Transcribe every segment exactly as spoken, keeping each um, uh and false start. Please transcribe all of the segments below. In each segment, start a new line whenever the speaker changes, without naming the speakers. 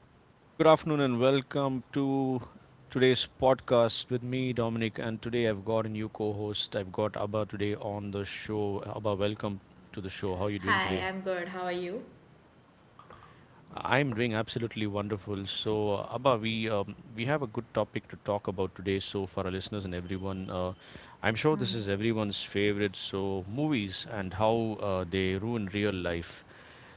Hey everyone, good afternoon and welcome to today's podcast with me, Dominic. And today I've got a new co host. I've got Abba today on the show. Abba, welcome to the show. How are you doing today?
Hi, I'm good. How are you?
I'm doing absolutely wonderful. So, uh, Abba, we um, we have a good topic to talk about today. So, for our listeners and everyone, uh, I'm sure this
Hmm.
is everyone's favorite. So, movies and how uh, they ruin real life.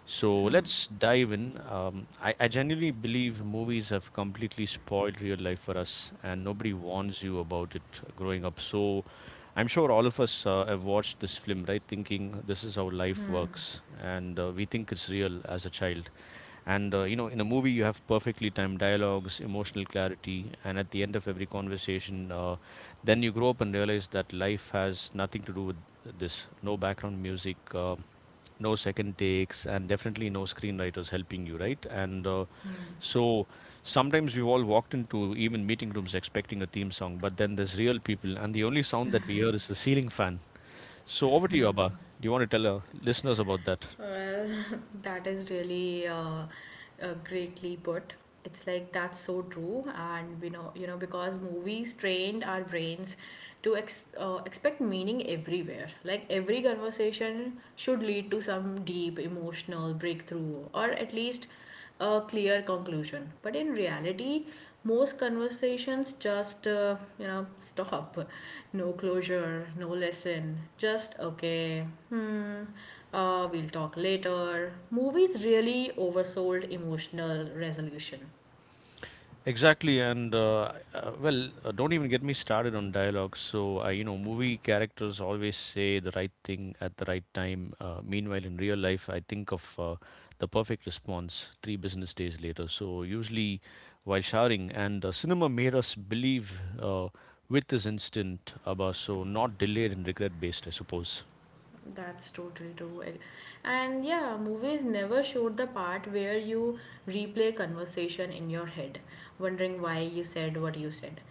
So
Hmm.
let's dive in. Um, I, I genuinely believe movies have completely spoiled real life for us, and nobody warns you about it growing up. So I'm sure all of us uh, have watched this film, right? Thinking this is how life
Hmm.
works, and uh, we think it's real as a child. And uh, you know, in a movie, you have perfectly timed dialogues, emotional clarity, and at the end of every conversation, uh, then you grow up and realize that life has nothing to do with this. No background music, uh, no second takes, and definitely no screenwriters helping you right, and uh, so sometimes we've all walked into even meeting rooms expecting a theme song, but then there's real people and the only sound that we hear is the ceiling fan. So over to you, Abba. Do you want to tell our listeners about that?
Well, that is really uh, uh, greatly put. It's like that's so true, and we know, you know, because movies trained our brains to ex uh, expect meaning everywhere. Like every conversation should lead to some deep emotional breakthrough, or at least a clear conclusion. But in reality, most conversations just uh, you know stop. No closure, no lesson. Just okay. Hmm. Uh, we'll talk later. Movies really oversold emotional resolution.
Exactly, and uh, uh, well, uh, don't even get me started on dialogue. So, uh, you know, movie characters always say the right thing at the right time. Uh, meanwhile, in real life, I think of uh, the perfect response three business days later. So, usually while showering, and uh, cinema made us believe uh, with this instant, Abba, so not delayed and regret based, I suppose.
That's totally true. I- And yeah, movies never showed the part where you replay conversation in your head, wondering why you said what you said.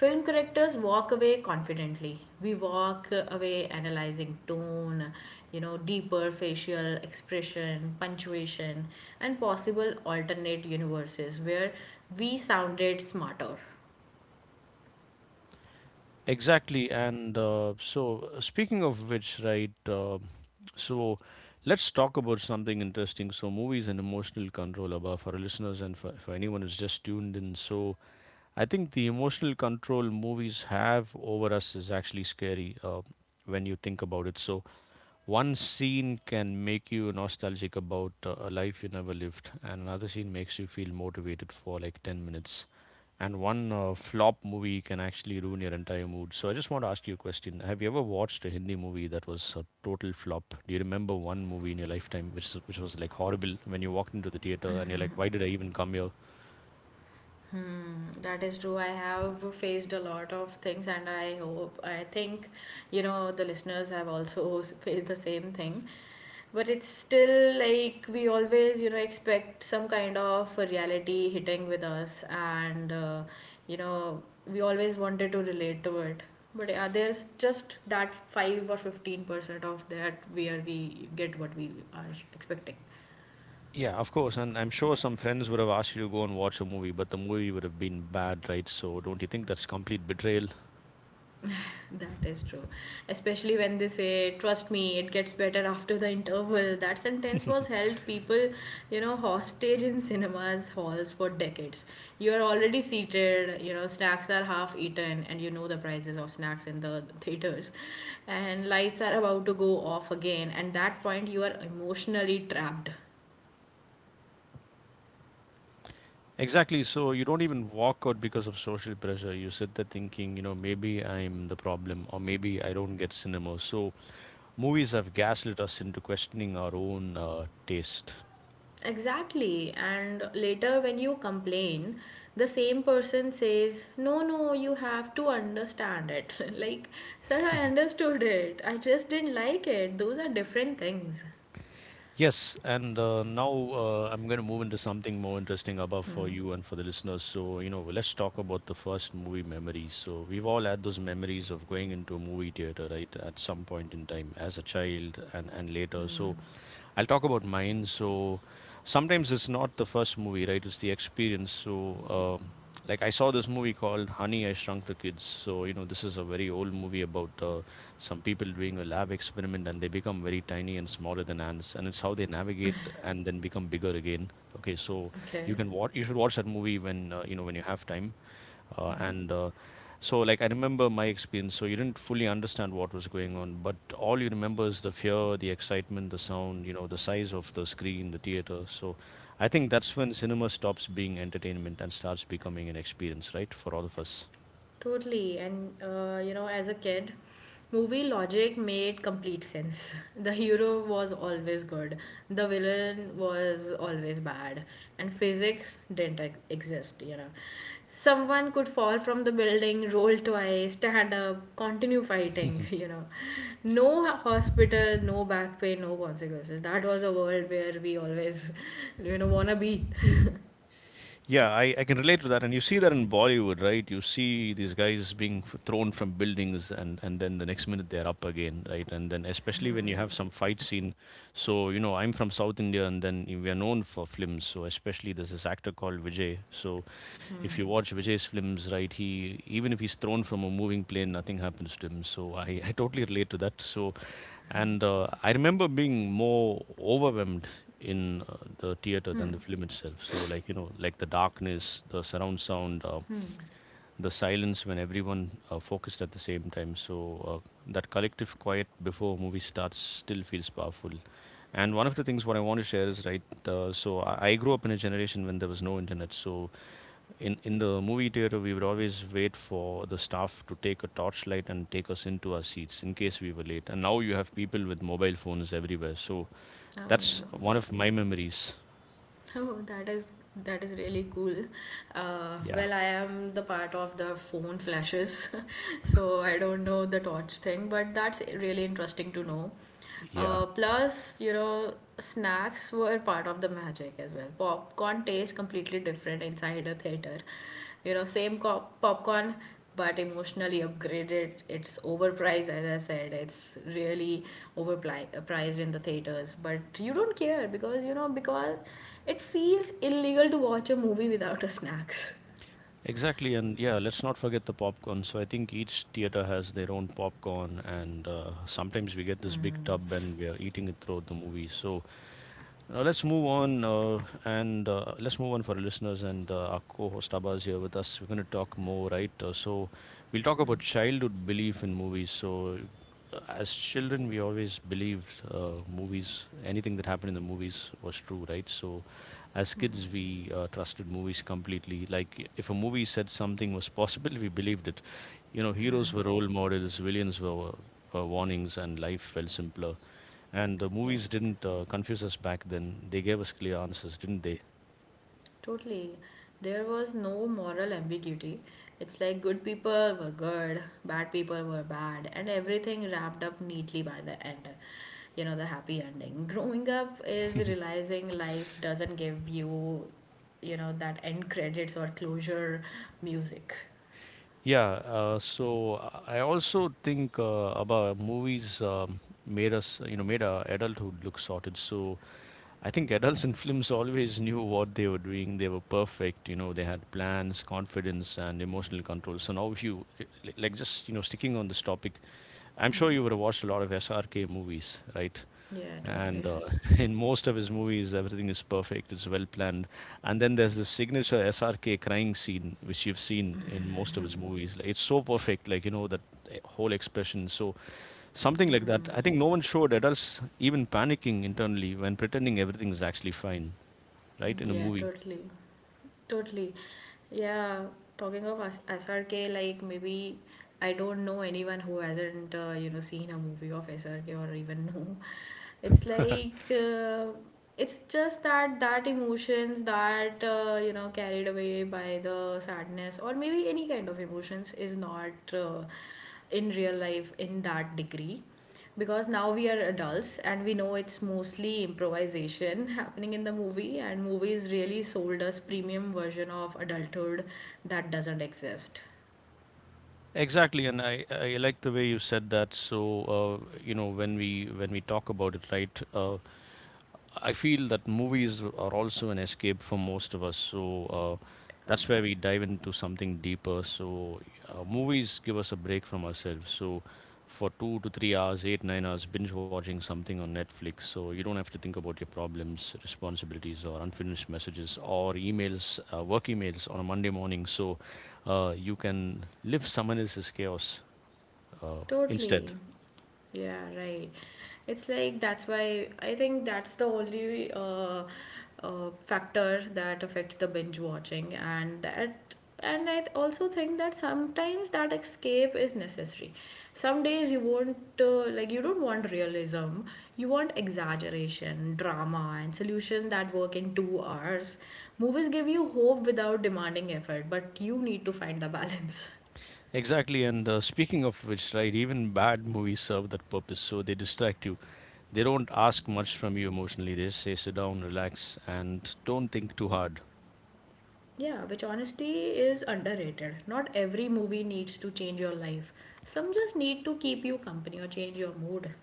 Film characters walk away confidently. We walk away analyzing tone, you know, deeper facial expression, punctuation, and possible alternate universes where we sounded smarter.
Exactly, and uh, so uh, speaking of which, right? Uh, So let's talk about something interesting. So movies and emotional control, Abba, for our listeners and for, for anyone who's just tuned in. So I think the emotional control movies have over us is actually scary uh, when you think about it. So one scene can make you nostalgic about uh, a life you never lived, and another scene makes you feel motivated for like ten minutes. And one uh, flop movie can actually ruin your entire mood. So I just want to ask you a question. Have you ever watched a Hindi movie that was a total flop? Do you remember one movie in your lifetime which which was like horrible when you walked into the theater and you're like, why did I even come here?
That is true. I have faced a lot of things, and I hope, I think, you know, the listeners have also faced the same thing. But it's still like we always, you know, expect some kind of a reality hitting with us, and, uh, you know, we always wanted to relate to it. But uh, there's just that five or fifteen percent of that where we get what we are expecting.
Yeah, of course. And I'm sure some friends would have asked you to go and watch a movie, but the movie would have been bad, right? So don't you think that's complete betrayal?
That is true. Especially when they say, trust me, it gets better after the interval. That sentence was held people, you know, hostage in cinemas halls for decades. You are already seated, you know, snacks are half eaten, and you know the prices of snacks in the theaters. And lights are about to go off again. And that point, you are emotionally trapped.
Exactly. So you don't even walk out because of social pressure. You sit there thinking, you know, maybe I'm the problem, or maybe I don't get cinema. So movies have gaslit us into questioning our own uh, taste.
Exactly. And later, when you complain, the same person says, no, no, you have to understand it. Like, sir, I understood it. I just didn't like it. Those are different things.
Yes, and uh, now uh, I'm going to move into something more interesting above for
Hmm.
you and for the listeners. So, you know, let's talk about the first movie memories. So, we've all had those memories of going into a movie theater, right, at some point in time as a child, and, and later. So, I'll talk about mine. So, sometimes it's not the first movie, right? It's the experience. So, um, like I saw this movie called Honey, I Shrunk the Kids. So, you know, this is a very old movie about uh, some people doing a lab experiment and they become very tiny and smaller than ants, and it's how they navigate and then become bigger again. Okay, so you
Okay.
can watch, you should watch that movie when uh, you know, when you have time, uh, and uh, so like I remember my experience. So you didn't fully understand what was going on, but all you remember is the fear, the excitement, the sound, you know, the size of the screen, the theater. So I think that's when cinema stops being entertainment and starts becoming an experience, right, for all of us.
Totally. And, uh, you know, as a kid, movie logic made complete sense. The hero was always good, the villain was always bad, and physics didn't ex- exist, you know. Someone could fall from the building, roll twice, stand up, continue fighting, you know. No hospital, no back pain, no consequences. That was a world where we always, you know, wanna be.
Yeah, I, I can relate to that. And you see that in Bollywood, right? You see these guys being f- thrown from buildings, and, and then the next minute they're up again, right? And then especially when you have some fight scenes. So, you know, I'm from South India, and then we are known for films. So, especially there's this actor called Vijay. So, if you watch Vijay's films, right, he, even if he's thrown from a moving plane, nothing happens to him. So, I, I totally relate to that. So, and uh, I remember being more overwhelmed in uh, the theater
Hmm.
than the film itself. So, like, you know, like the darkness, the surround sound, uh, the silence when everyone uh, focused at the same time. So uh, that collective quiet before a movie starts still feels powerful. And one of the things what I want to share is right. Uh, so I I grew up in a generation when there was no internet. So in in the movie theater, we would always wait for the staff to take a torchlight and take us into our seats in case we were late. And now you have people with mobile phones everywhere. So
Oh,
that's
yeah.
one of my memories.
Oh, that is that is really cool. Uh,
Yeah,
well, I am the part of the phone flashes, so I don't know the torch thing, but that's really interesting to know.
yeah,
Uh, plus, you know, snacks were part of the magic as well. Popcorn tastes completely different inside a theater, you know same co- popcorn but emotionally upgraded. It's overpriced, as I said. It's really overpriced in the theaters, but you don't care, because you know, because it feels illegal to watch a movie without a snacks.
exactly. And yeah, let's not forget the popcorn. So I think each theater has their own popcorn, and uh, sometimes we get this big tub and we are eating it throughout the movie. So. Now let's move on uh, and uh, let's move on for our listeners, and uh, our co-host Abba is here with us. We're going to talk more, right? Uh, so we'll talk about childhood belief in movies. So uh, as children, we always believed uh, movies, anything that happened in the movies was true, right? So as kids, we uh, trusted movies completely. Like if a movie said something was possible, we believed it. You know, heroes were role models, villains were, were warnings, and life felt simpler. And the
Yeah.
movies didn't uh, confuse us back then. They gave us clear answers, didn't they?
Totally. There was no moral ambiguity. It's like good people were good, bad people were bad, and everything wrapped up neatly by the end. You know, the happy ending. Growing up is realizing life doesn't give you, you know, that end credits or closure music.
Yeah. Uh, so I also think uh, about movies um, made us, you know, made our adulthood look sorted. So I think adults in films always knew what they were doing. They were perfect. You know, they had plans, confidence, and emotional control. So now, if you like, just you know, sticking on this topic, I'm sure you would have watched a lot of S R K movies, right?
Yeah,
And
totally.
uh, in most of his movies, everything is perfect. It's well planned. And then there's the signature S R K crying scene, which you've seen in most of his movies. Like, it's so perfect, like you know that eh, whole expression. So something like that. I think no one showed adults even panicking internally when pretending everything is actually fine, right, in a
Yeah,
movie.
totally. Totally. Yeah, talking of S- SRK, like maybe I don't know anyone who hasn't, uh, you know, seen a movie of S R K or even know. It's like, uh, it's just that that emotions that, uh, you know, carried away by the sadness or maybe any kind of emotions is not uh, in real life in that degree, because now we are adults and we know it's mostly improvisation happening in the movie. And movies really sold us premium version of adulthood that doesn't exist.
Exactly, and I, I like the way you said that. So, uh, you know, when we when we talk about it, right? Uh, I feel that movies are also an escape for most of us. So uh, that's
Um,
where we dive into something deeper. So uh, movies give us a break from ourselves. So for two to three hours, eight, nine hours, binge watching something on Netflix. So you don't have to think about your problems, responsibilities, or unfinished messages or emails, uh, work emails on a Monday morning. So uh, you can live someone else's chaos uh, instead.
Totally. Yeah, right. It's like that's why I think that's the only uh, uh, factor that affects the binge watching, and that and I th- also think that sometimes that escape is necessary. Some days you want uh, like you don't want realism, you want exaggeration, drama, and solution that work in two hours. Movies give you hope without demanding effort, but you need to find the balance.
Exactly, and uh, speaking of which, right, even bad movies serve that purpose. So they distract you. They don't ask much from you emotionally. They just say, sit down, relax, and don't think too hard.
Yeah, which honesty is underrated. Not every movie needs to change your life. Some just need to keep you company or change your mood.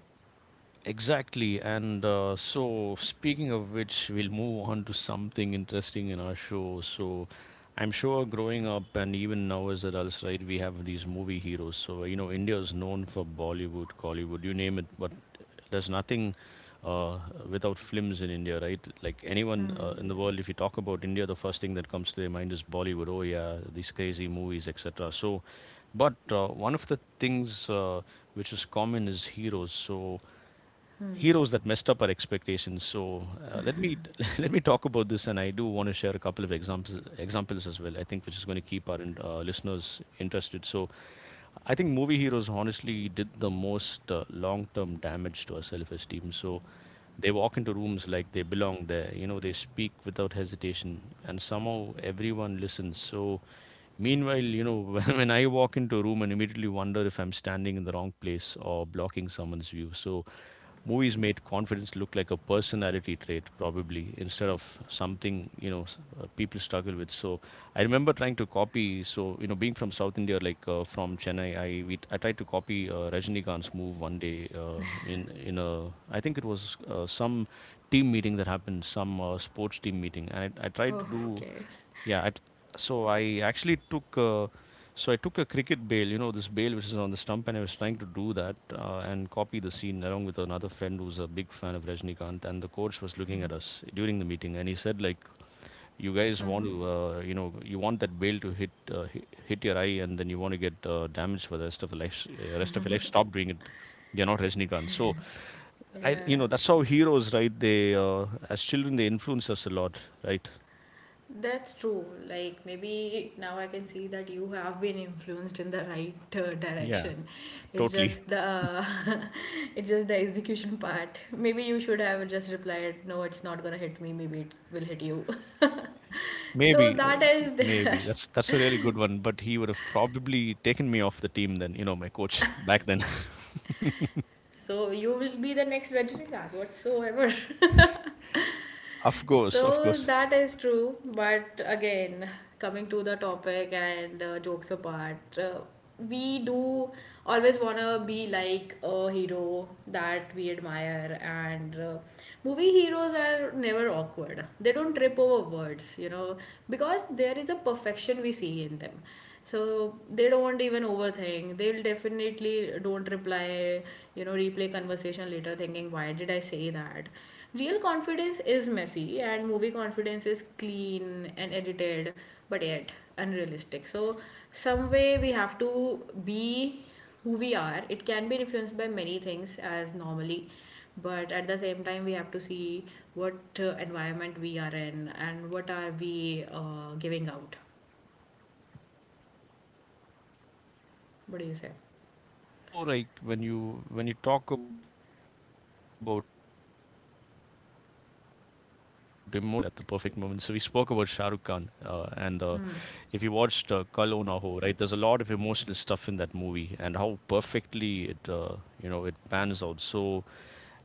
Exactly. And uh, so, speaking of which, we'll move on to something interesting in our show. So, I'm sure growing up and even now as adults, right, we have these movie heroes. So, you know, India is known for Bollywood, Collywood, you name it, but there's nothing uh, without films in India, right? Like anyone uh, in the world, if you talk about India, the first thing that comes to their mind is Bollywood. Oh, yeah, these crazy movies, et cetera. So, but uh, one of the things uh, which is common is heroes. So,
Hmm.
heroes that messed up our expectations. So uh, let me let me talk about this, and I do want to share a couple of examples examples as well. I think which is going to keep our in- uh, listeners interested. So I think movie heroes honestly did the most uh, long term damage to our self esteem. So they walk into rooms like they belong there. You know, they speak without hesitation, and somehow everyone listens. So, meanwhile, you know, when, when I walk into a room and immediately wonder if I'm standing in the wrong place or blocking someone's view. So, movies made confidence look like a personality trait probably instead of something you know s- uh, people struggle with. So I remember trying to copy. So you know being from South India, like uh, from Chennai, i we, i tried to copy uh, Rajinikanth's move one day, uh, in in a, I think think it was, uh, some team meeting that happened, some uh, sports team meeting, and I, I tried to do.
Okay.
Yeah. I, t- so I actually took uh, so I took a cricket bail, you know, this bail which is on the stump, and I was trying to do that uh, and copy the scene along with another friend who's a big fan of Rajnikant, and the coach was looking at us during the meeting, and he said, like, "You guys want to, uh, you know you want that bail to hit, uh, hi- hit your eye, and then you want to get uh, damaged for the rest of the life uh, rest of your life. Stop doing it. You're not Rajnikant." So I you know
Yeah,
that's how heroes, right? They, uh, as children, they influence us a lot, right?
that's true. Like maybe now I can see that you have been influenced in the right uh,
Yeah,
direction. It's
totally.
just the it's just the execution part. Maybe you should have just replied, "No, it's not gonna hit me. Maybe it will hit you." So
Maybe,
that
uh,
is there.
maybe that's that's a really good one. But he would have probably taken me off the team then. You know, my coach back then.
So you will be the next Rajinikanth whatsoever.
Of course, of
So
course.
that is true, but again, coming to the topic and uh, jokes apart, uh, we do always want to be like a hero that we admire, and uh, movie heroes are never awkward. They don't trip over words, you know, because there is a perfection we see in them. So they don't even overthink. They'll definitely don't reply, you know, replay conversation later thinking, why did I say that? Real confidence is messy, and movie confidence is clean and edited, but yet unrealistic. So, some way we have to be who we are. It can be influenced by many things, as normally, but at the same time, we have to see what uh, environment we are in and what are we uh, giving out. What do you
Exactly,
say?
and uh, also, like, when you when you talk about emotional availability, right? Uh, heroes are always emotionally available at the perfect moment. So we spoke about Shah Rukh Khan, uh, and uh,
Hmm.
if you watched uh, Kal Ho Na Ho, right, there's a lot of emotional stuff in that movie, and how perfectly it, uh, you know, it pans out. So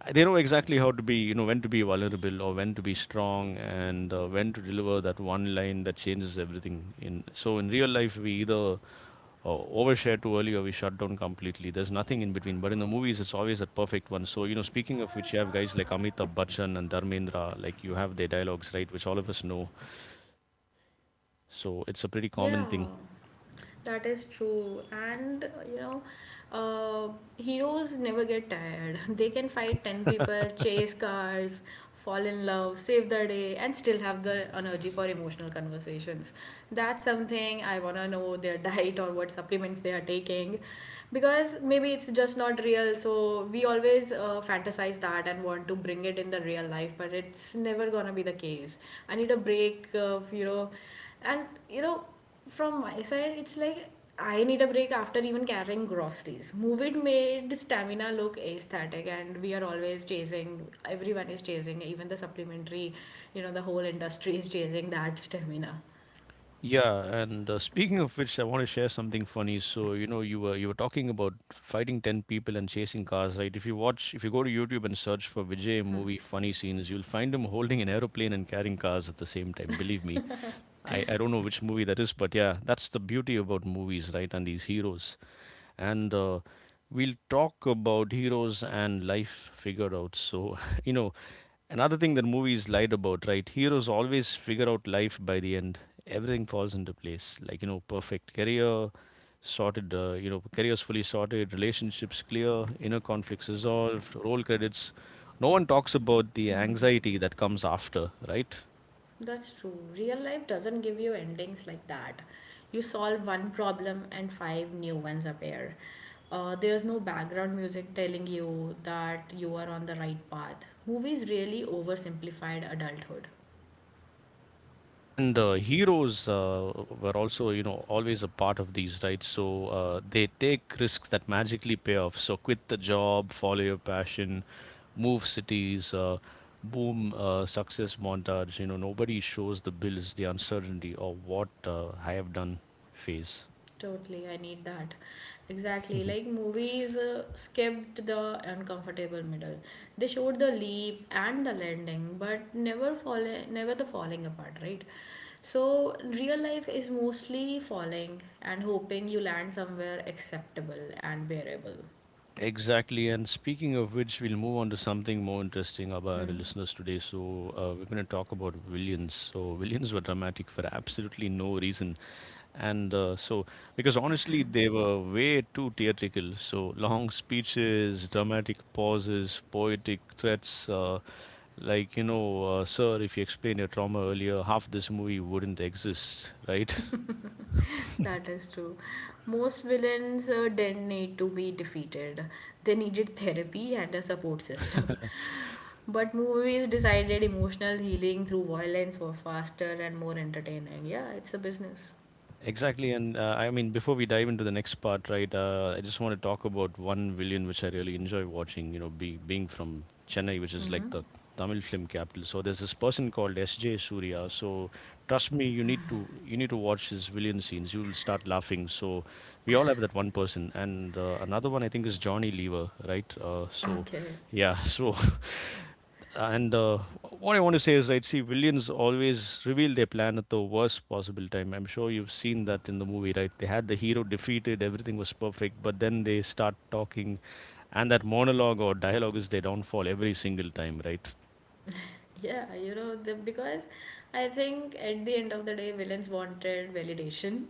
uh, they know exactly how to be, you know, when to be vulnerable or when to be strong, and uh, when to deliver that one line that changes everything. In so in real life, we either uh, overshare too early or we shut down completely. There's nothing in between. But in the movies, it's always that perfect one. So, you know, speaking of which, you have guys like Amitabh Bachchan and Dharmendra, like you have their dialogues, right, which all of us know. So it's a pretty
Yeah.
common thing.
That is true, and you know, uh, heroes never get tired. They can fight ten people, chase cars, fall in love, save the day, and still have the energy for emotional conversations. That's something I want to know, their diet or what supplements they are taking, because maybe it's just not real. So we always uh, fantasize that and want to bring it in the real life, but it's never gonna be the case. I need a break of, you know, and you know, from my side, it's like I need a break after even carrying groceries. Movie made stamina look aesthetic, and we are always chasing. Everyone is chasing, even the supplementary. You know, the whole industry is chasing that stamina.
Yeah, and uh, speaking of which, I want to share something funny. So, you know, you were you were talking about fighting ten people and chasing cars, right? If you watch, if you go to YouTube and search for Vijay movie funny scenes, you'll find him holding an aeroplane and carrying cars at the same time. Believe me. I, I don't know which movie that is, but yeah, that's the beauty about movies, right? And these heroes. And uh, we'll talk about heroes and life figured out. So, you know, another thing that movies lied about, right? Heroes always figure out life by the end. Everything falls into place. Like, you know, perfect career, sorted, uh, you know, careers fully sorted, relationships clear, inner conflicts resolved, role credits. No one talks about the anxiety that comes after, right?
That's true. Real life doesn't give you endings like that. You solve one problem and five new ones appear. Uh, there's no background music telling you that you are on the right path. Movies really oversimplified adulthood.
And uh, heroes uh, were also, you know, always a part of these, right? So uh, they take risks that magically pay off. So quit the job, follow your passion, move cities, uh, boom, uh, success montage. You know, nobody shows the bills, the uncertainty, or what, uh, I have done phase.
Totally, I need that. Exactly. Like movies uh, skipped the uncomfortable middle. They showed the leap and the landing, but never falling, never the falling apart, right? So real life is mostly falling and hoping you land somewhere acceptable and bearable.
Exactly. And speaking of which, we'll move on to something more interesting about our
Hmm.
listeners today. So, uh, we're going to talk about villains. So, villains were dramatic for absolutely no reason. And uh, so, because honestly, they were way too theatrical. So, long speeches, dramatic pauses, poetic threats. Uh, like, you know, uh, sir, if you explained your trauma earlier, half this movie wouldn't exist, right?
That is true. Most villains uh, didn't need to be defeated. They needed therapy and a support system. But movies decided emotional healing through violence were faster and more entertaining. Yeah, it's a business.
Exactly, and uh, I mean, before we dive into the next part, right? Uh, I just want to talk about one villain which I really enjoy watching. You know, be, being from Chennai, which is like
Hmm.
the Tamil film capital. So there's this person called S J. Surya. So trust me, you need to you need to watch his villain scenes. You will start laughing. So we all have that one person, and uh, another one I think is Johnny Lever, right? Uh, so
Okay.
yeah, so and uh, what I want to say is, right, see, villains always reveal their plan at the worst possible time. I'm sure you've seen that in the movie, right? They had the hero defeated, everything was perfect, but then they start talking, and that monologue or dialogue is their downfall every single time, right?
Yeah, you know, the, because I think at the end of the day villains wanted validation.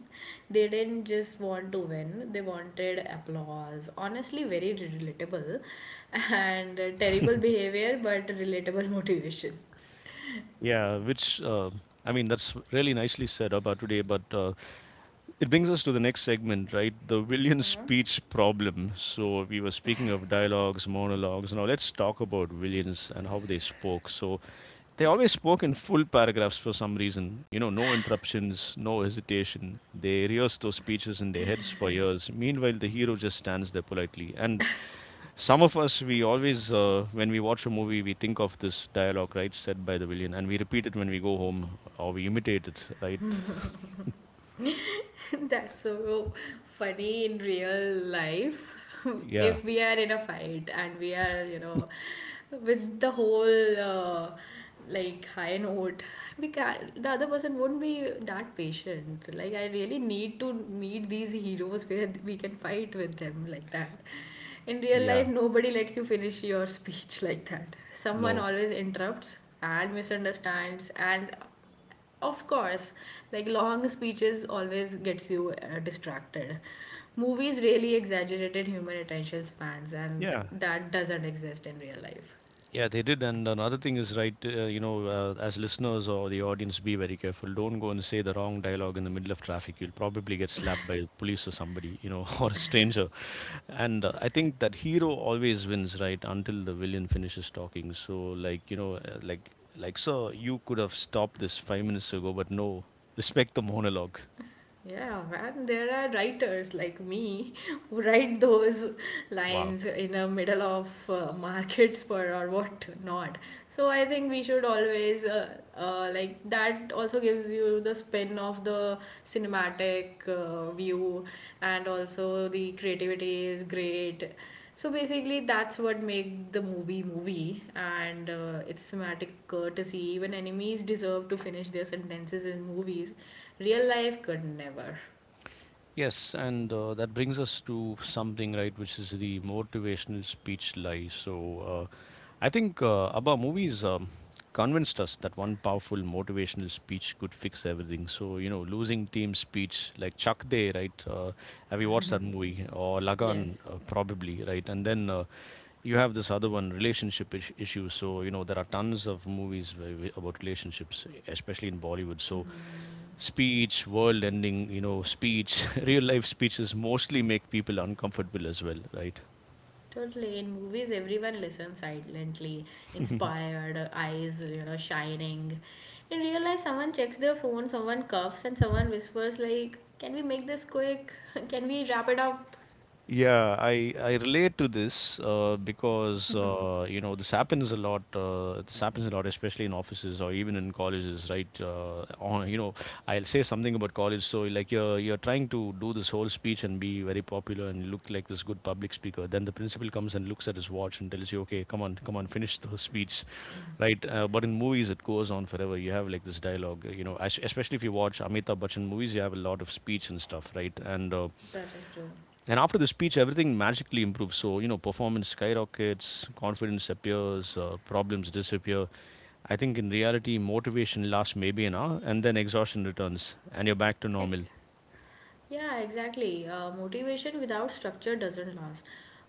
They didn't just want to win, they wanted applause. Honestly very relatable, and uh, terrible behavior but relatable motivation.
Yeah, which, uh, I mean, that's really nicely said about today, but uh, it brings us to the next segment, right? The villain speech problem. So we were speaking of dialogues, monologues. Now let's talk about villains and how they spoke. So they always spoke in full paragraphs for some reason. You know, no interruptions, no hesitation. They rehearse those speeches in their heads for years. Meanwhile, the hero just stands there politely. And some of us, we always, uh, when we watch a movie, we think of this dialogue, right, said by the villain, and we repeat it when we go home or we imitate it, right?
That's so funny in real life.
Yeah,
If we are in a fight and we are, you know, with the whole uh, like high note, we can the other person won't be that patient. Like I really need to meet these heroes where we can fight with them like that. In real life,
yeah,
nobody lets you finish your speech like that. Someone
no,
always interrupts and misunderstands. And of course, like long speeches always gets you uh, distracted. Movies really exaggerated human attention spans, and
yeah.
that doesn't exist in real life.
Yeah, they did. And another thing is, right, uh, you know, uh, as listeners or the audience, be very careful. Don't go and say the wrong dialogue in the middle of traffic. You'll probably get slapped by the police or somebody, you know, or a stranger. And uh, I think that hero always wins, right, until the villain finishes talking. So, like, you know, uh, like, like, sir, you could have stopped this five minutes ago, but no, respect the monologue.
Yeah, man, there are writers like me who write those
Wow.
lines in the middle of uh, market spur or what not. So I think we should always uh, uh, like that also gives you the spin of the cinematic uh, view, and also the creativity is great. So basically, that's what make the movie movie, and uh, it's thematic courtesy. Even enemies deserve to finish their sentences in movies. Real life could never.
Yes, and uh, that brings us to something, right, which is the motivational speech lie. So, uh, I think uh, ABBA movies um, convinced us that one powerful motivational speech could fix everything. So, you know, losing team speech like Chak De, right? Uh, have you watched that movie? Or Lagan,
Yes,
uh, probably, right? And then uh, you have this other one, relationship is- issues. So, you know, there are tons of movies where, about relationships, especially in Bollywood. So, speech, world ending, you know, speech, real life speeches mostly make people uncomfortable as well, right?
totally. In movies, everyone listens silently, inspired, uh, eyes you know shining. In real life, someone checks their phone, someone coughs, and someone whispers like, "Can we make this quick? Can we wrap it up?"
Yeah, I I relate to this uh, because uh, you know this happens a lot. Uh, this happens a lot, especially in offices or even in colleges, right? Uh, on you know, I'll say something about college. So like you're you're trying to do this whole speech and be very popular and look like this good public speaker. Then the principal comes and looks at his watch and tells you, "Okay, come on, come on, finish the speech," right? Uh, but in movies, it goes on forever. You have like this dialogue, uh, you know, es- especially if you watch Amitabh Bachchan movies, you have a lot of speech and stuff, right? And uh,
That is true.
and after the speech, everything magically improves. So, you know, performance skyrockets, confidence appears, uh, problems disappear. I think in reality, motivation lasts maybe an hour and then exhaustion returns and you're back to
Like,
normal.
yeah, exactly. Uh, motivation without structure doesn't last.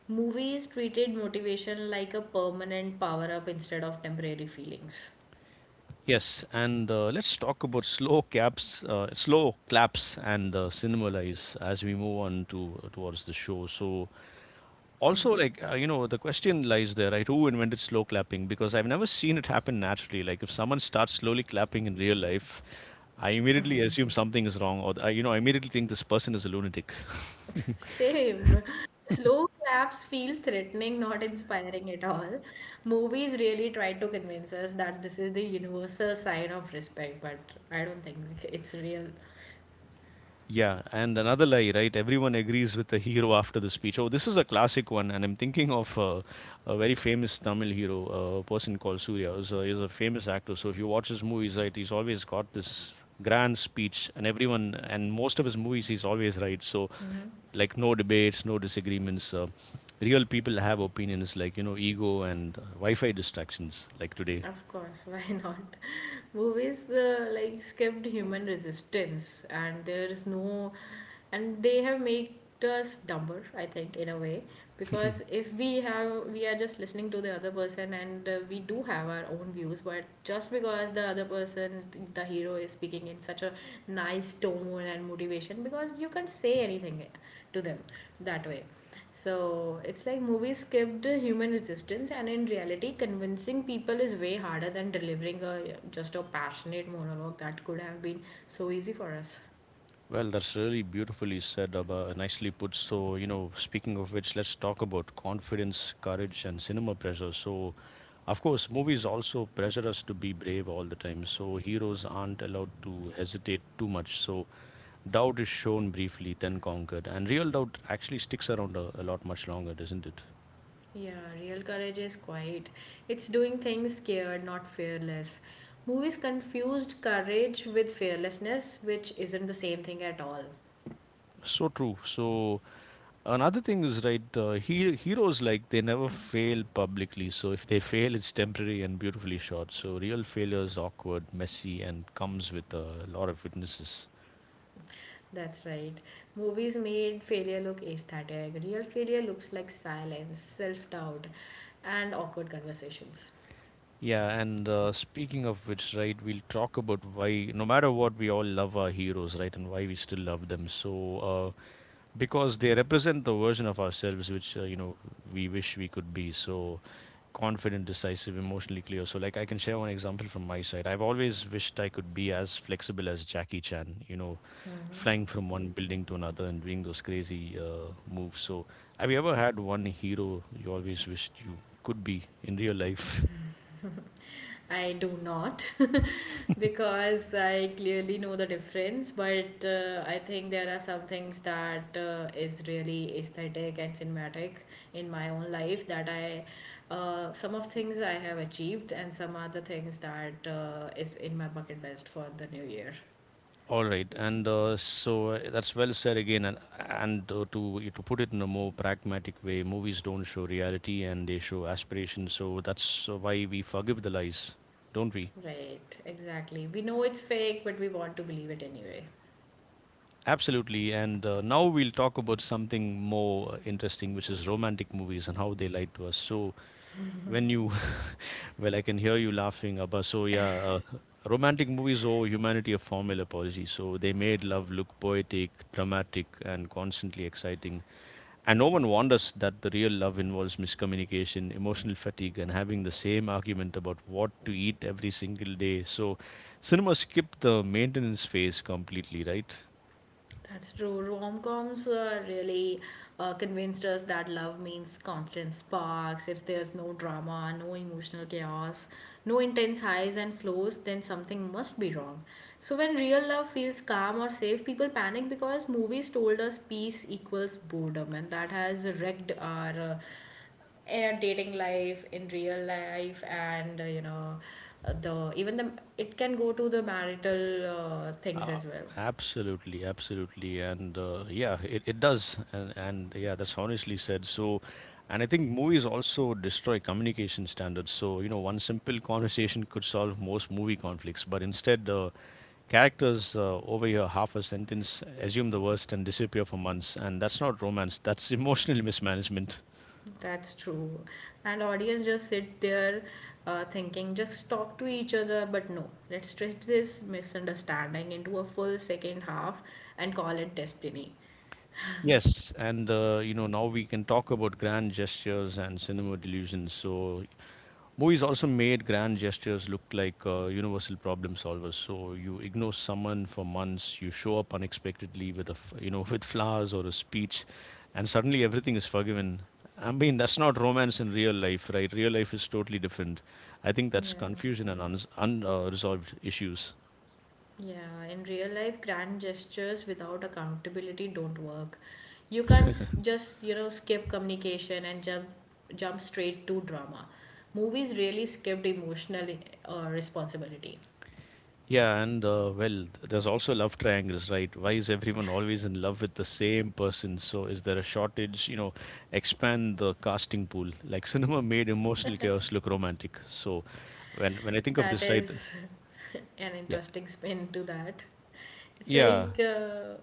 Movies treated motivation like a permanent power up instead of temporary feelings.
Yes, and uh, let's talk about slow caps, uh, slow claps, and uh, cinema lies as we move on to towards the show. So, also, like, uh, you know, the question lies there, right? Who invented slow clapping? Because I've never seen it happen naturally. Like, if someone starts slowly clapping in real life, I immediately assume something is wrong, or, I, you know, I immediately think this person is a lunatic.
Same. Slow claps feel threatening, not inspiring at all. Movies really try to convince us that this is the universal sign of respect, but I don't think it's real.
Yeah, and another lie, right? Everyone agrees with the hero after the speech. Oh, this is a classic one, and I'm thinking of uh, a very famous Tamil hero, a person called Surya. He's a, he's a famous actor. So if you watch his movies, right, he's always got this grand speech, and everyone, and most of his movies, he's always right. So like no debates, no disagreements. Uh, real people have opinions like, you know, ego and uh, Wi Fi distractions like today.
Of course, why not? Movies uh, like skipped human resistance, and there is no, and they have made us dumber, I think, in a way, because if we have, we are just listening to the other person, and uh, we do have our own views, but just because the other person, the hero, is speaking in such a nice tone and motivation, because you can't say anything to them that way. So it's like movies skipped human resistance, and in reality, convincing people is way harder than delivering a just a passionate monologue that could have been so easy for us.
Well, that's really beautifully said, Abba, nicely put. So, you know, speaking of which, let's talk about confidence, courage, and cinema pressure. So, of course, movies also pressure us to be brave all the time. So, heroes aren't allowed to hesitate too much. So, doubt is shown briefly, then conquered. And real doubt actually sticks around a, a lot much longer, doesn't it?
Yeah, real courage is quiet. It's doing things scared, not fearless. Movies confused courage with fearlessness, which isn't the same thing at all.
So true. So, another thing is right. Uh, he, heroes like they never fail publicly. So if they fail, it's temporary and beautifully shot. So real failure is awkward, messy, and comes with a lot of witnesses.
That's right. Movies made failure look aesthetic. Real failure looks like silence, self doubt, and awkward conversations.
Yeah, and uh, speaking of which, right, we'll talk about why, no matter what, we all love our heroes, right, and why we still love them. So, uh, because they represent the version of ourselves which uh, you know we wish we could be. So confident, decisive, emotionally clear. So like, I can share one example from my side. I've always wished I could be as flexible as Jackie Chan, you know, flying from one building to another and doing those crazy uh, moves. So have you ever had one hero you always wished you could be in real life?
I do not, because I clearly know the difference, but uh, I think there are some things that uh, is really aesthetic and cinematic in my own life that I uh, some of things I have achieved and some other things that uh, is in my bucket list.
All right, and uh, so uh, that's well said again. And and uh, to to put it in a more pragmatic way, movies don't show reality and they show aspiration. So that's uh, why we forgive the lies, don't we?
Right, exactly. We know it's fake, but we want to believe it anyway.
Absolutely. And uh, now we'll talk about something more interesting, which is romantic movies and how they lie to us. So when you, well, I can hear you laughing, Abba. So yeah. Uh, Romantic movies owe humanity a formal apology. So they made love look poetic, dramatic, and constantly exciting. And no one warned us that the real love involves miscommunication, emotional fatigue, and having the same argument about what to eat every single day. So, cinema skipped the maintenance phase completely, right?
That's true. Rom coms uh, really uh, convinced us that love means constant sparks. If there's no drama, no emotional chaos, no intense highs and flows, then something must be wrong. So, when real love feels calm or safe, people panic because movies told us peace equals boredom, and that has wrecked our. Uh, in dating life in real life and uh, you know uh, the even the it can go to the marital uh, things
Uh,
as well.
Absolutely, absolutely, and uh, yeah, it, it does, and and yeah, that's honestly said. So, and I think movies also destroy communication standards. So you know, one simple conversation could solve most movie conflicts, but instead, uh, characters uh, overhear half a sentence, assume the worst, and disappear for months. And that's not romance. That's emotional mismanagement.
That's true. And audience just sit there uh, thinking, just talk to each other. But no, let's stretch this misunderstanding into a full second half and call it destiny.
Yes, and uh, you know, now we can talk about grand gestures and cinema delusions. So movies also made grand gestures look like uh, universal problem solvers. So you ignore someone for months, you show up unexpectedly with a, f- you know, with flowers or a speech, and suddenly everything is forgiven. I mean, that's not romance in real life, right? Real life is totally different. I think that's
Yeah.
confusion and unresolved un- uh, resolved issues.
Yeah. In real life, grand gestures without accountability don't work. You can't s- just, you know, skip communication and jump jump straight to drama. Movies really skipped emotional uh, responsibility.
Yeah, and uh, well, there's also love triangles, right? Why is everyone always in love with the same person? So is there a shortage? You know, expand the casting pool. Like cinema made emotional chaos look romantic. So when when I think of
That
this, right?
is an
Yeah,
interesting spin to that. It's
yeah.
like uh,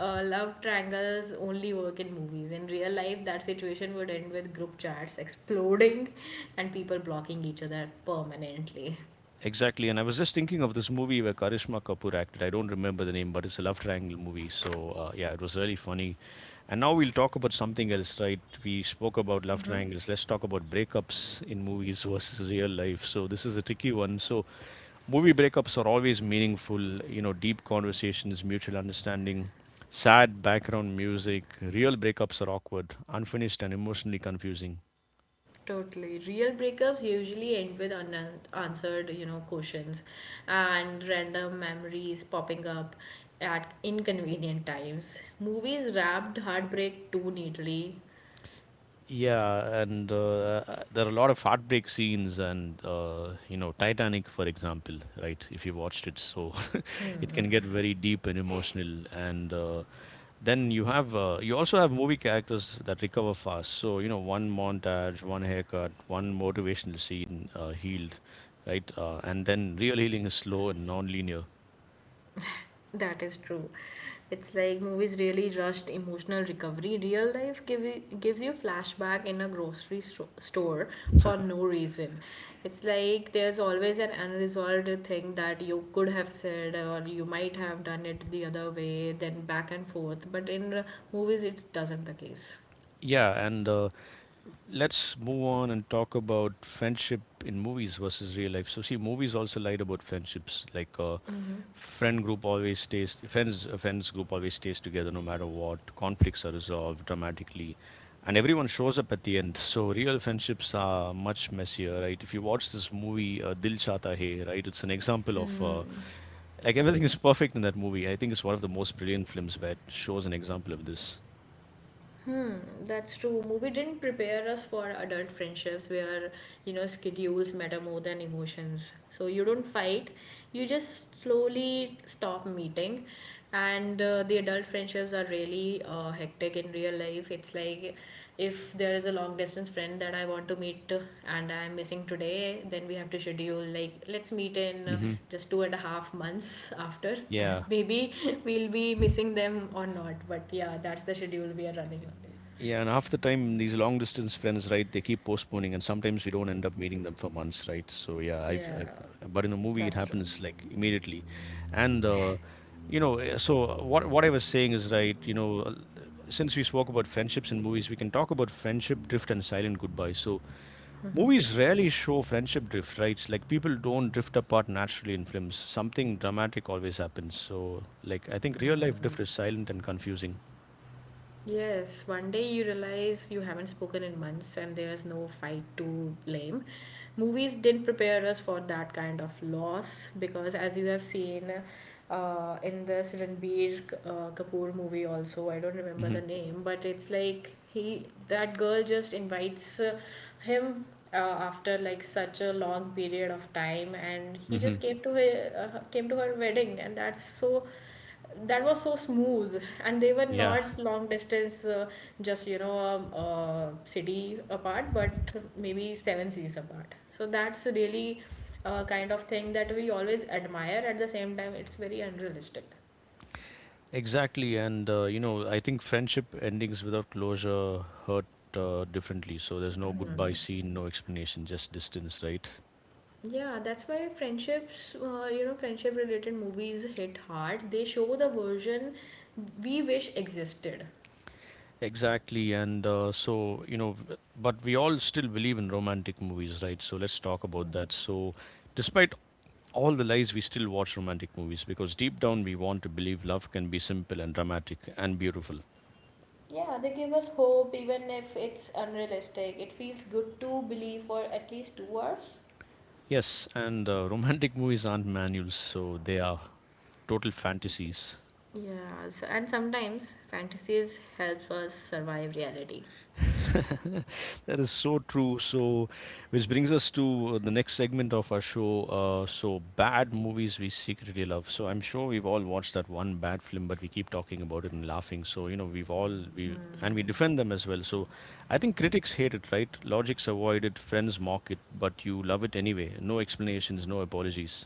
uh, love triangles only work in movies. In real life, that situation would end with group chats exploding and people blocking each other permanently.
Exactly, and I was just thinking of this movie where Karishma Kapoor acted. I don't remember the name, but it's a love triangle movie. So uh, yeah, it was really funny. And now we'll talk about something else, right? We spoke about love
Hmm.
triangles. Let's talk about breakups in movies versus real life. So this is a tricky one. So movie breakups are always meaningful. You know, deep conversations, mutual understanding, sad background music. Real breakups are awkward, unfinished, and emotionally confusing.
Totally. Real breakups usually end with unanswered, you know, questions and random memories popping up at inconvenient times. Movies wrapped heartbreak too neatly.
Yeah, and uh, uh, there are a lot of heartbreak scenes, and uh, you know, Titanic, for example, right? If you watched it, so it can get very deep and emotional. And uh, then you have uh, you also have movie characters that recover fast. So you know, one montage, one haircut, one motivational scene uh, healed, right? Uh, and then real healing is slow and non-linear.
That is true. It's like movies really rushed emotional recovery. Real life give you, gives you flashback in a grocery sto- store for no reason. It's like there's always an unresolved thing that you could have said or you might have done it the other way, then back and forth. But in uh, movies, it doesn't the case.
Yeah, and uh, let's move on and talk about friendship in movies versus real life. So, see, movies also lied about friendships. Like, uh, friend group always stays, friends, a friends group always stays together no matter what. Conflicts are resolved dramatically, and everyone shows up at the end. So, real friendships are much messier, right? If you watch this movie, uh, Dil Chata Hai, right, it's an example of uh, like everything is perfect in that movie. I think it's one of the most brilliant films where it shows an example of this.
Hmm, that's true. Movie didn't prepare us for adult friendships where, you know, schedules matter more than emotions. So you don't fight, you just slowly stop meeting. And uh, the adult friendships are really uh, hectic in real life. If it's like if there is a long distance friend that I want to meet and I'm missing today, then we have to schedule, like, let's meet in uh,
Hmm.
just two and a half months after. And
Yeah.
maybe we'll be missing them or not, but yeah, that's the schedule we are running
Yeah, and half the time these long distance friends, right? They keep postponing, and sometimes we don't end up meeting them for months, right? So yeah,
on.
I've,
Yeah,
I've but in the movie it
that's true.
happens like immediately, and uh, you know, eh, so what what I was saying is right. You know, uh, since we spoke about friendships in movies, we can talk about friendship drift and silent goodbye. So movies rarely show friendship drift, right? It's like people don't drift apart naturally in films. Something dramatic always happens. So like I think real life drift is silent and confusing.
Yes, one day you realize you haven't spoken in months and there's no fight to blame. Movies didn't prepare us for that kind of loss because, as you have seen uh, in this Ranbir uh, Kapoor movie, also, I don't remember
Hmm.
the name, but it's like he that girl just invites uh, him uh, after like such a long period of time, and he
Hmm.
just came to her, uh, came to her wedding. And that's so, that was so smooth, and they were
Yeah.
not long distance, uh, just, you know, um, uh, city apart, but maybe seven seas apart. So that's really a kind of thing that we always admire. At the same time, it's very unrealistic.
Exactly, and uh, you know, I think friendship endings without closure hurt uh, differently. So there's no goodbye scene, no explanation, just distance, right?
Yeah, that's why friendships, uh, you know, friendship related movies hit hard. They show the version we wish existed.
Exactly, and uh, so you know, v- but we all still believe in romantic movies, right? So let's talk about that. So, despite all the lies, we still watch romantic movies because deep down we want to believe love can be simple and dramatic and beautiful.
Yeah, they give us hope. Even if it's unrealistic, it feels good to believe for at least two hours.
Yes, and uh, romantic movies aren't manuals, so they are total fantasies.
Yeah, s- and sometimes fantasies help us survive reality.
That is so true. So, which brings us to uh, the next segment of our show. Uh, so, bad movies we secretly love. So, I'm sure we've all watched that one bad film, but we keep talking about it and laughing. So, you know, we've all we and we defend them as well. So, I think critics hate it, right? Logics avoid it, friends mock it, but you love it anyway. No explanations, no apologies.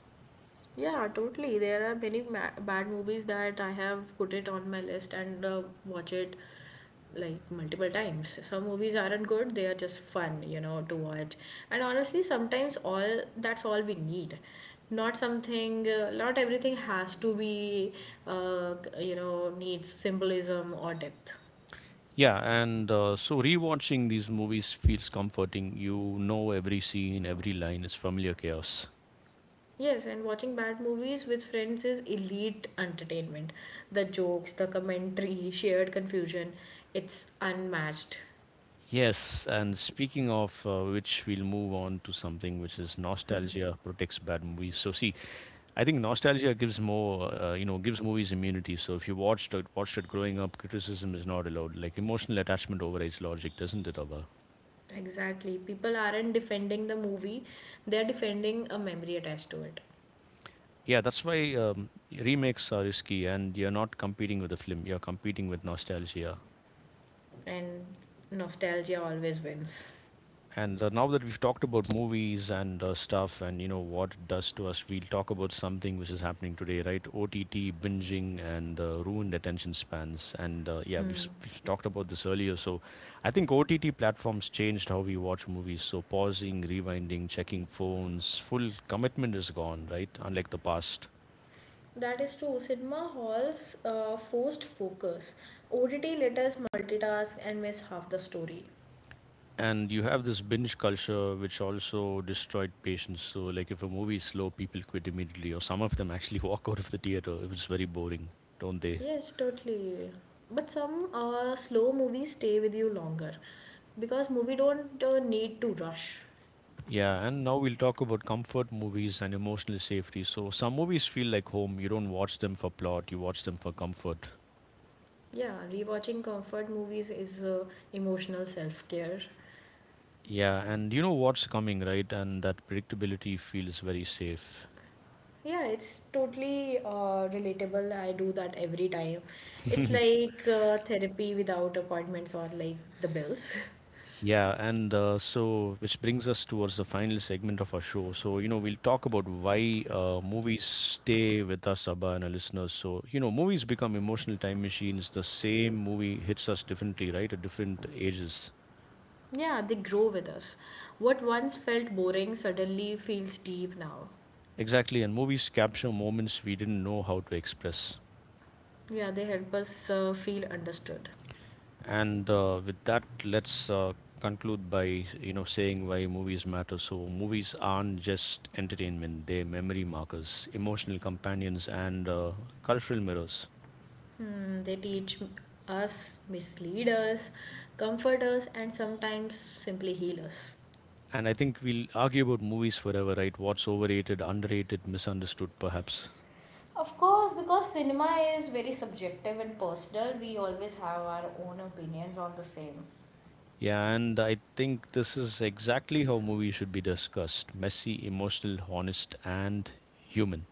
Yeah, totally. There are many ma- bad movies that I have put it on my list and uh, watch it like multiple times. Some movies aren't good, they are just fun, you know, to watch. And honestly, sometimes all that's all we need. Not something, uh, not everything has to be, uh, you know, needs symbolism or depth.
Yeah, and uh, so rewatching these movies feels comforting. You know every scene, every line is familiar chaos.
Yes, and watching bad movies with friends is elite entertainment. The jokes, the commentary, shared confusion, it's unmatched.
Yes, and speaking of uh, which, we'll move on to something which is nostalgia protects bad movies. So see, I think nostalgia gives more, uh, you know, gives movies immunity. So if you watched it, watched it growing up, criticism is not allowed. Like emotional attachment overrides logic, doesn't it, Abba?
Exactly. People aren't defending the movie, they're defending a memory attached to it.
Yeah, that's why um, remakes are risky, and you're not competing with the film. You're competing with nostalgia.
And nostalgia always wins.
And uh, now that we've talked about movies and uh, stuff and you know what it does to us, we'll talk about something which is happening today, right? O T T, binging, and uh, ruined attention spans. And uh, yeah, we've, s- we've talked about this earlier. So I think O T T platforms changed how we watch movies. So pausing, rewinding, checking phones, full commitment is gone, right? Unlike the past.
That is true. Cinema halls uh, forced focus. O T T let us multitask and miss half the story.
And you have this binge culture which also destroyed patience. So like if a movie is slow, people quit immediately, or some of them actually walk out of the theater if it's very boring, don't they?
Yes, totally. But some uh, slow movies stay with you longer because movie don't uh, need to rush.
Yeah, and now we'll talk about comfort movies and emotional safety. So some movies feel like home. You don't watch them for plot, you watch them for comfort.
Yeah, rewatching comfort movies is uh, emotional self-care.
Yeah, and you know what's coming, right, and that predictability feels very safe.
Yeah, it's totally uh, relatable. I do that every time. It's like uh, therapy without appointments or like the bills.
Yeah, and uh, so which brings us towards the final segment of our show. So, you know, we'll talk about why uh, movies stay with us, Abba, and our listeners. So, you know, movies become emotional time machines. The same movie hits us differently, right, at different ages.
Yeah, they grow with us. What once felt boring suddenly feels deep now.
Exactly, and movies capture moments we didn't know how to express.
Yeah, they help us uh, feel understood.
And uh, with that, let's uh, conclude by you know saying why movies matter. So movies aren't just entertainment; they're memory markers, emotional companions, and uh, cultural mirrors.
Hmm, they teach us, mislead us, comfort us, and sometimes simply heal us.
And I think we'll argue about movies forever, right? What's overrated, underrated, misunderstood, perhaps.
Of course, because cinema is very subjective and personal, we always have our own opinions on the same.
Yeah, and I think this is exactly how movies should be discussed: messy, emotional, honest, and human.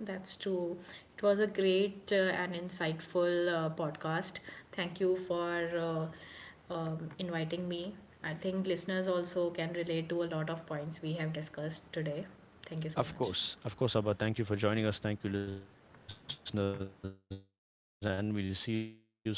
That's true. It was a great uh, and insightful uh, podcast. Thank you for uh, um, inviting me. I think listeners also can relate to a lot of points we have discussed today. Thank you so
Of
much.
course, of course, Abba. Thank you for joining us. Thank you, listeners, and we'll see you soon. This is Dominic and Abba signing off today. Take care.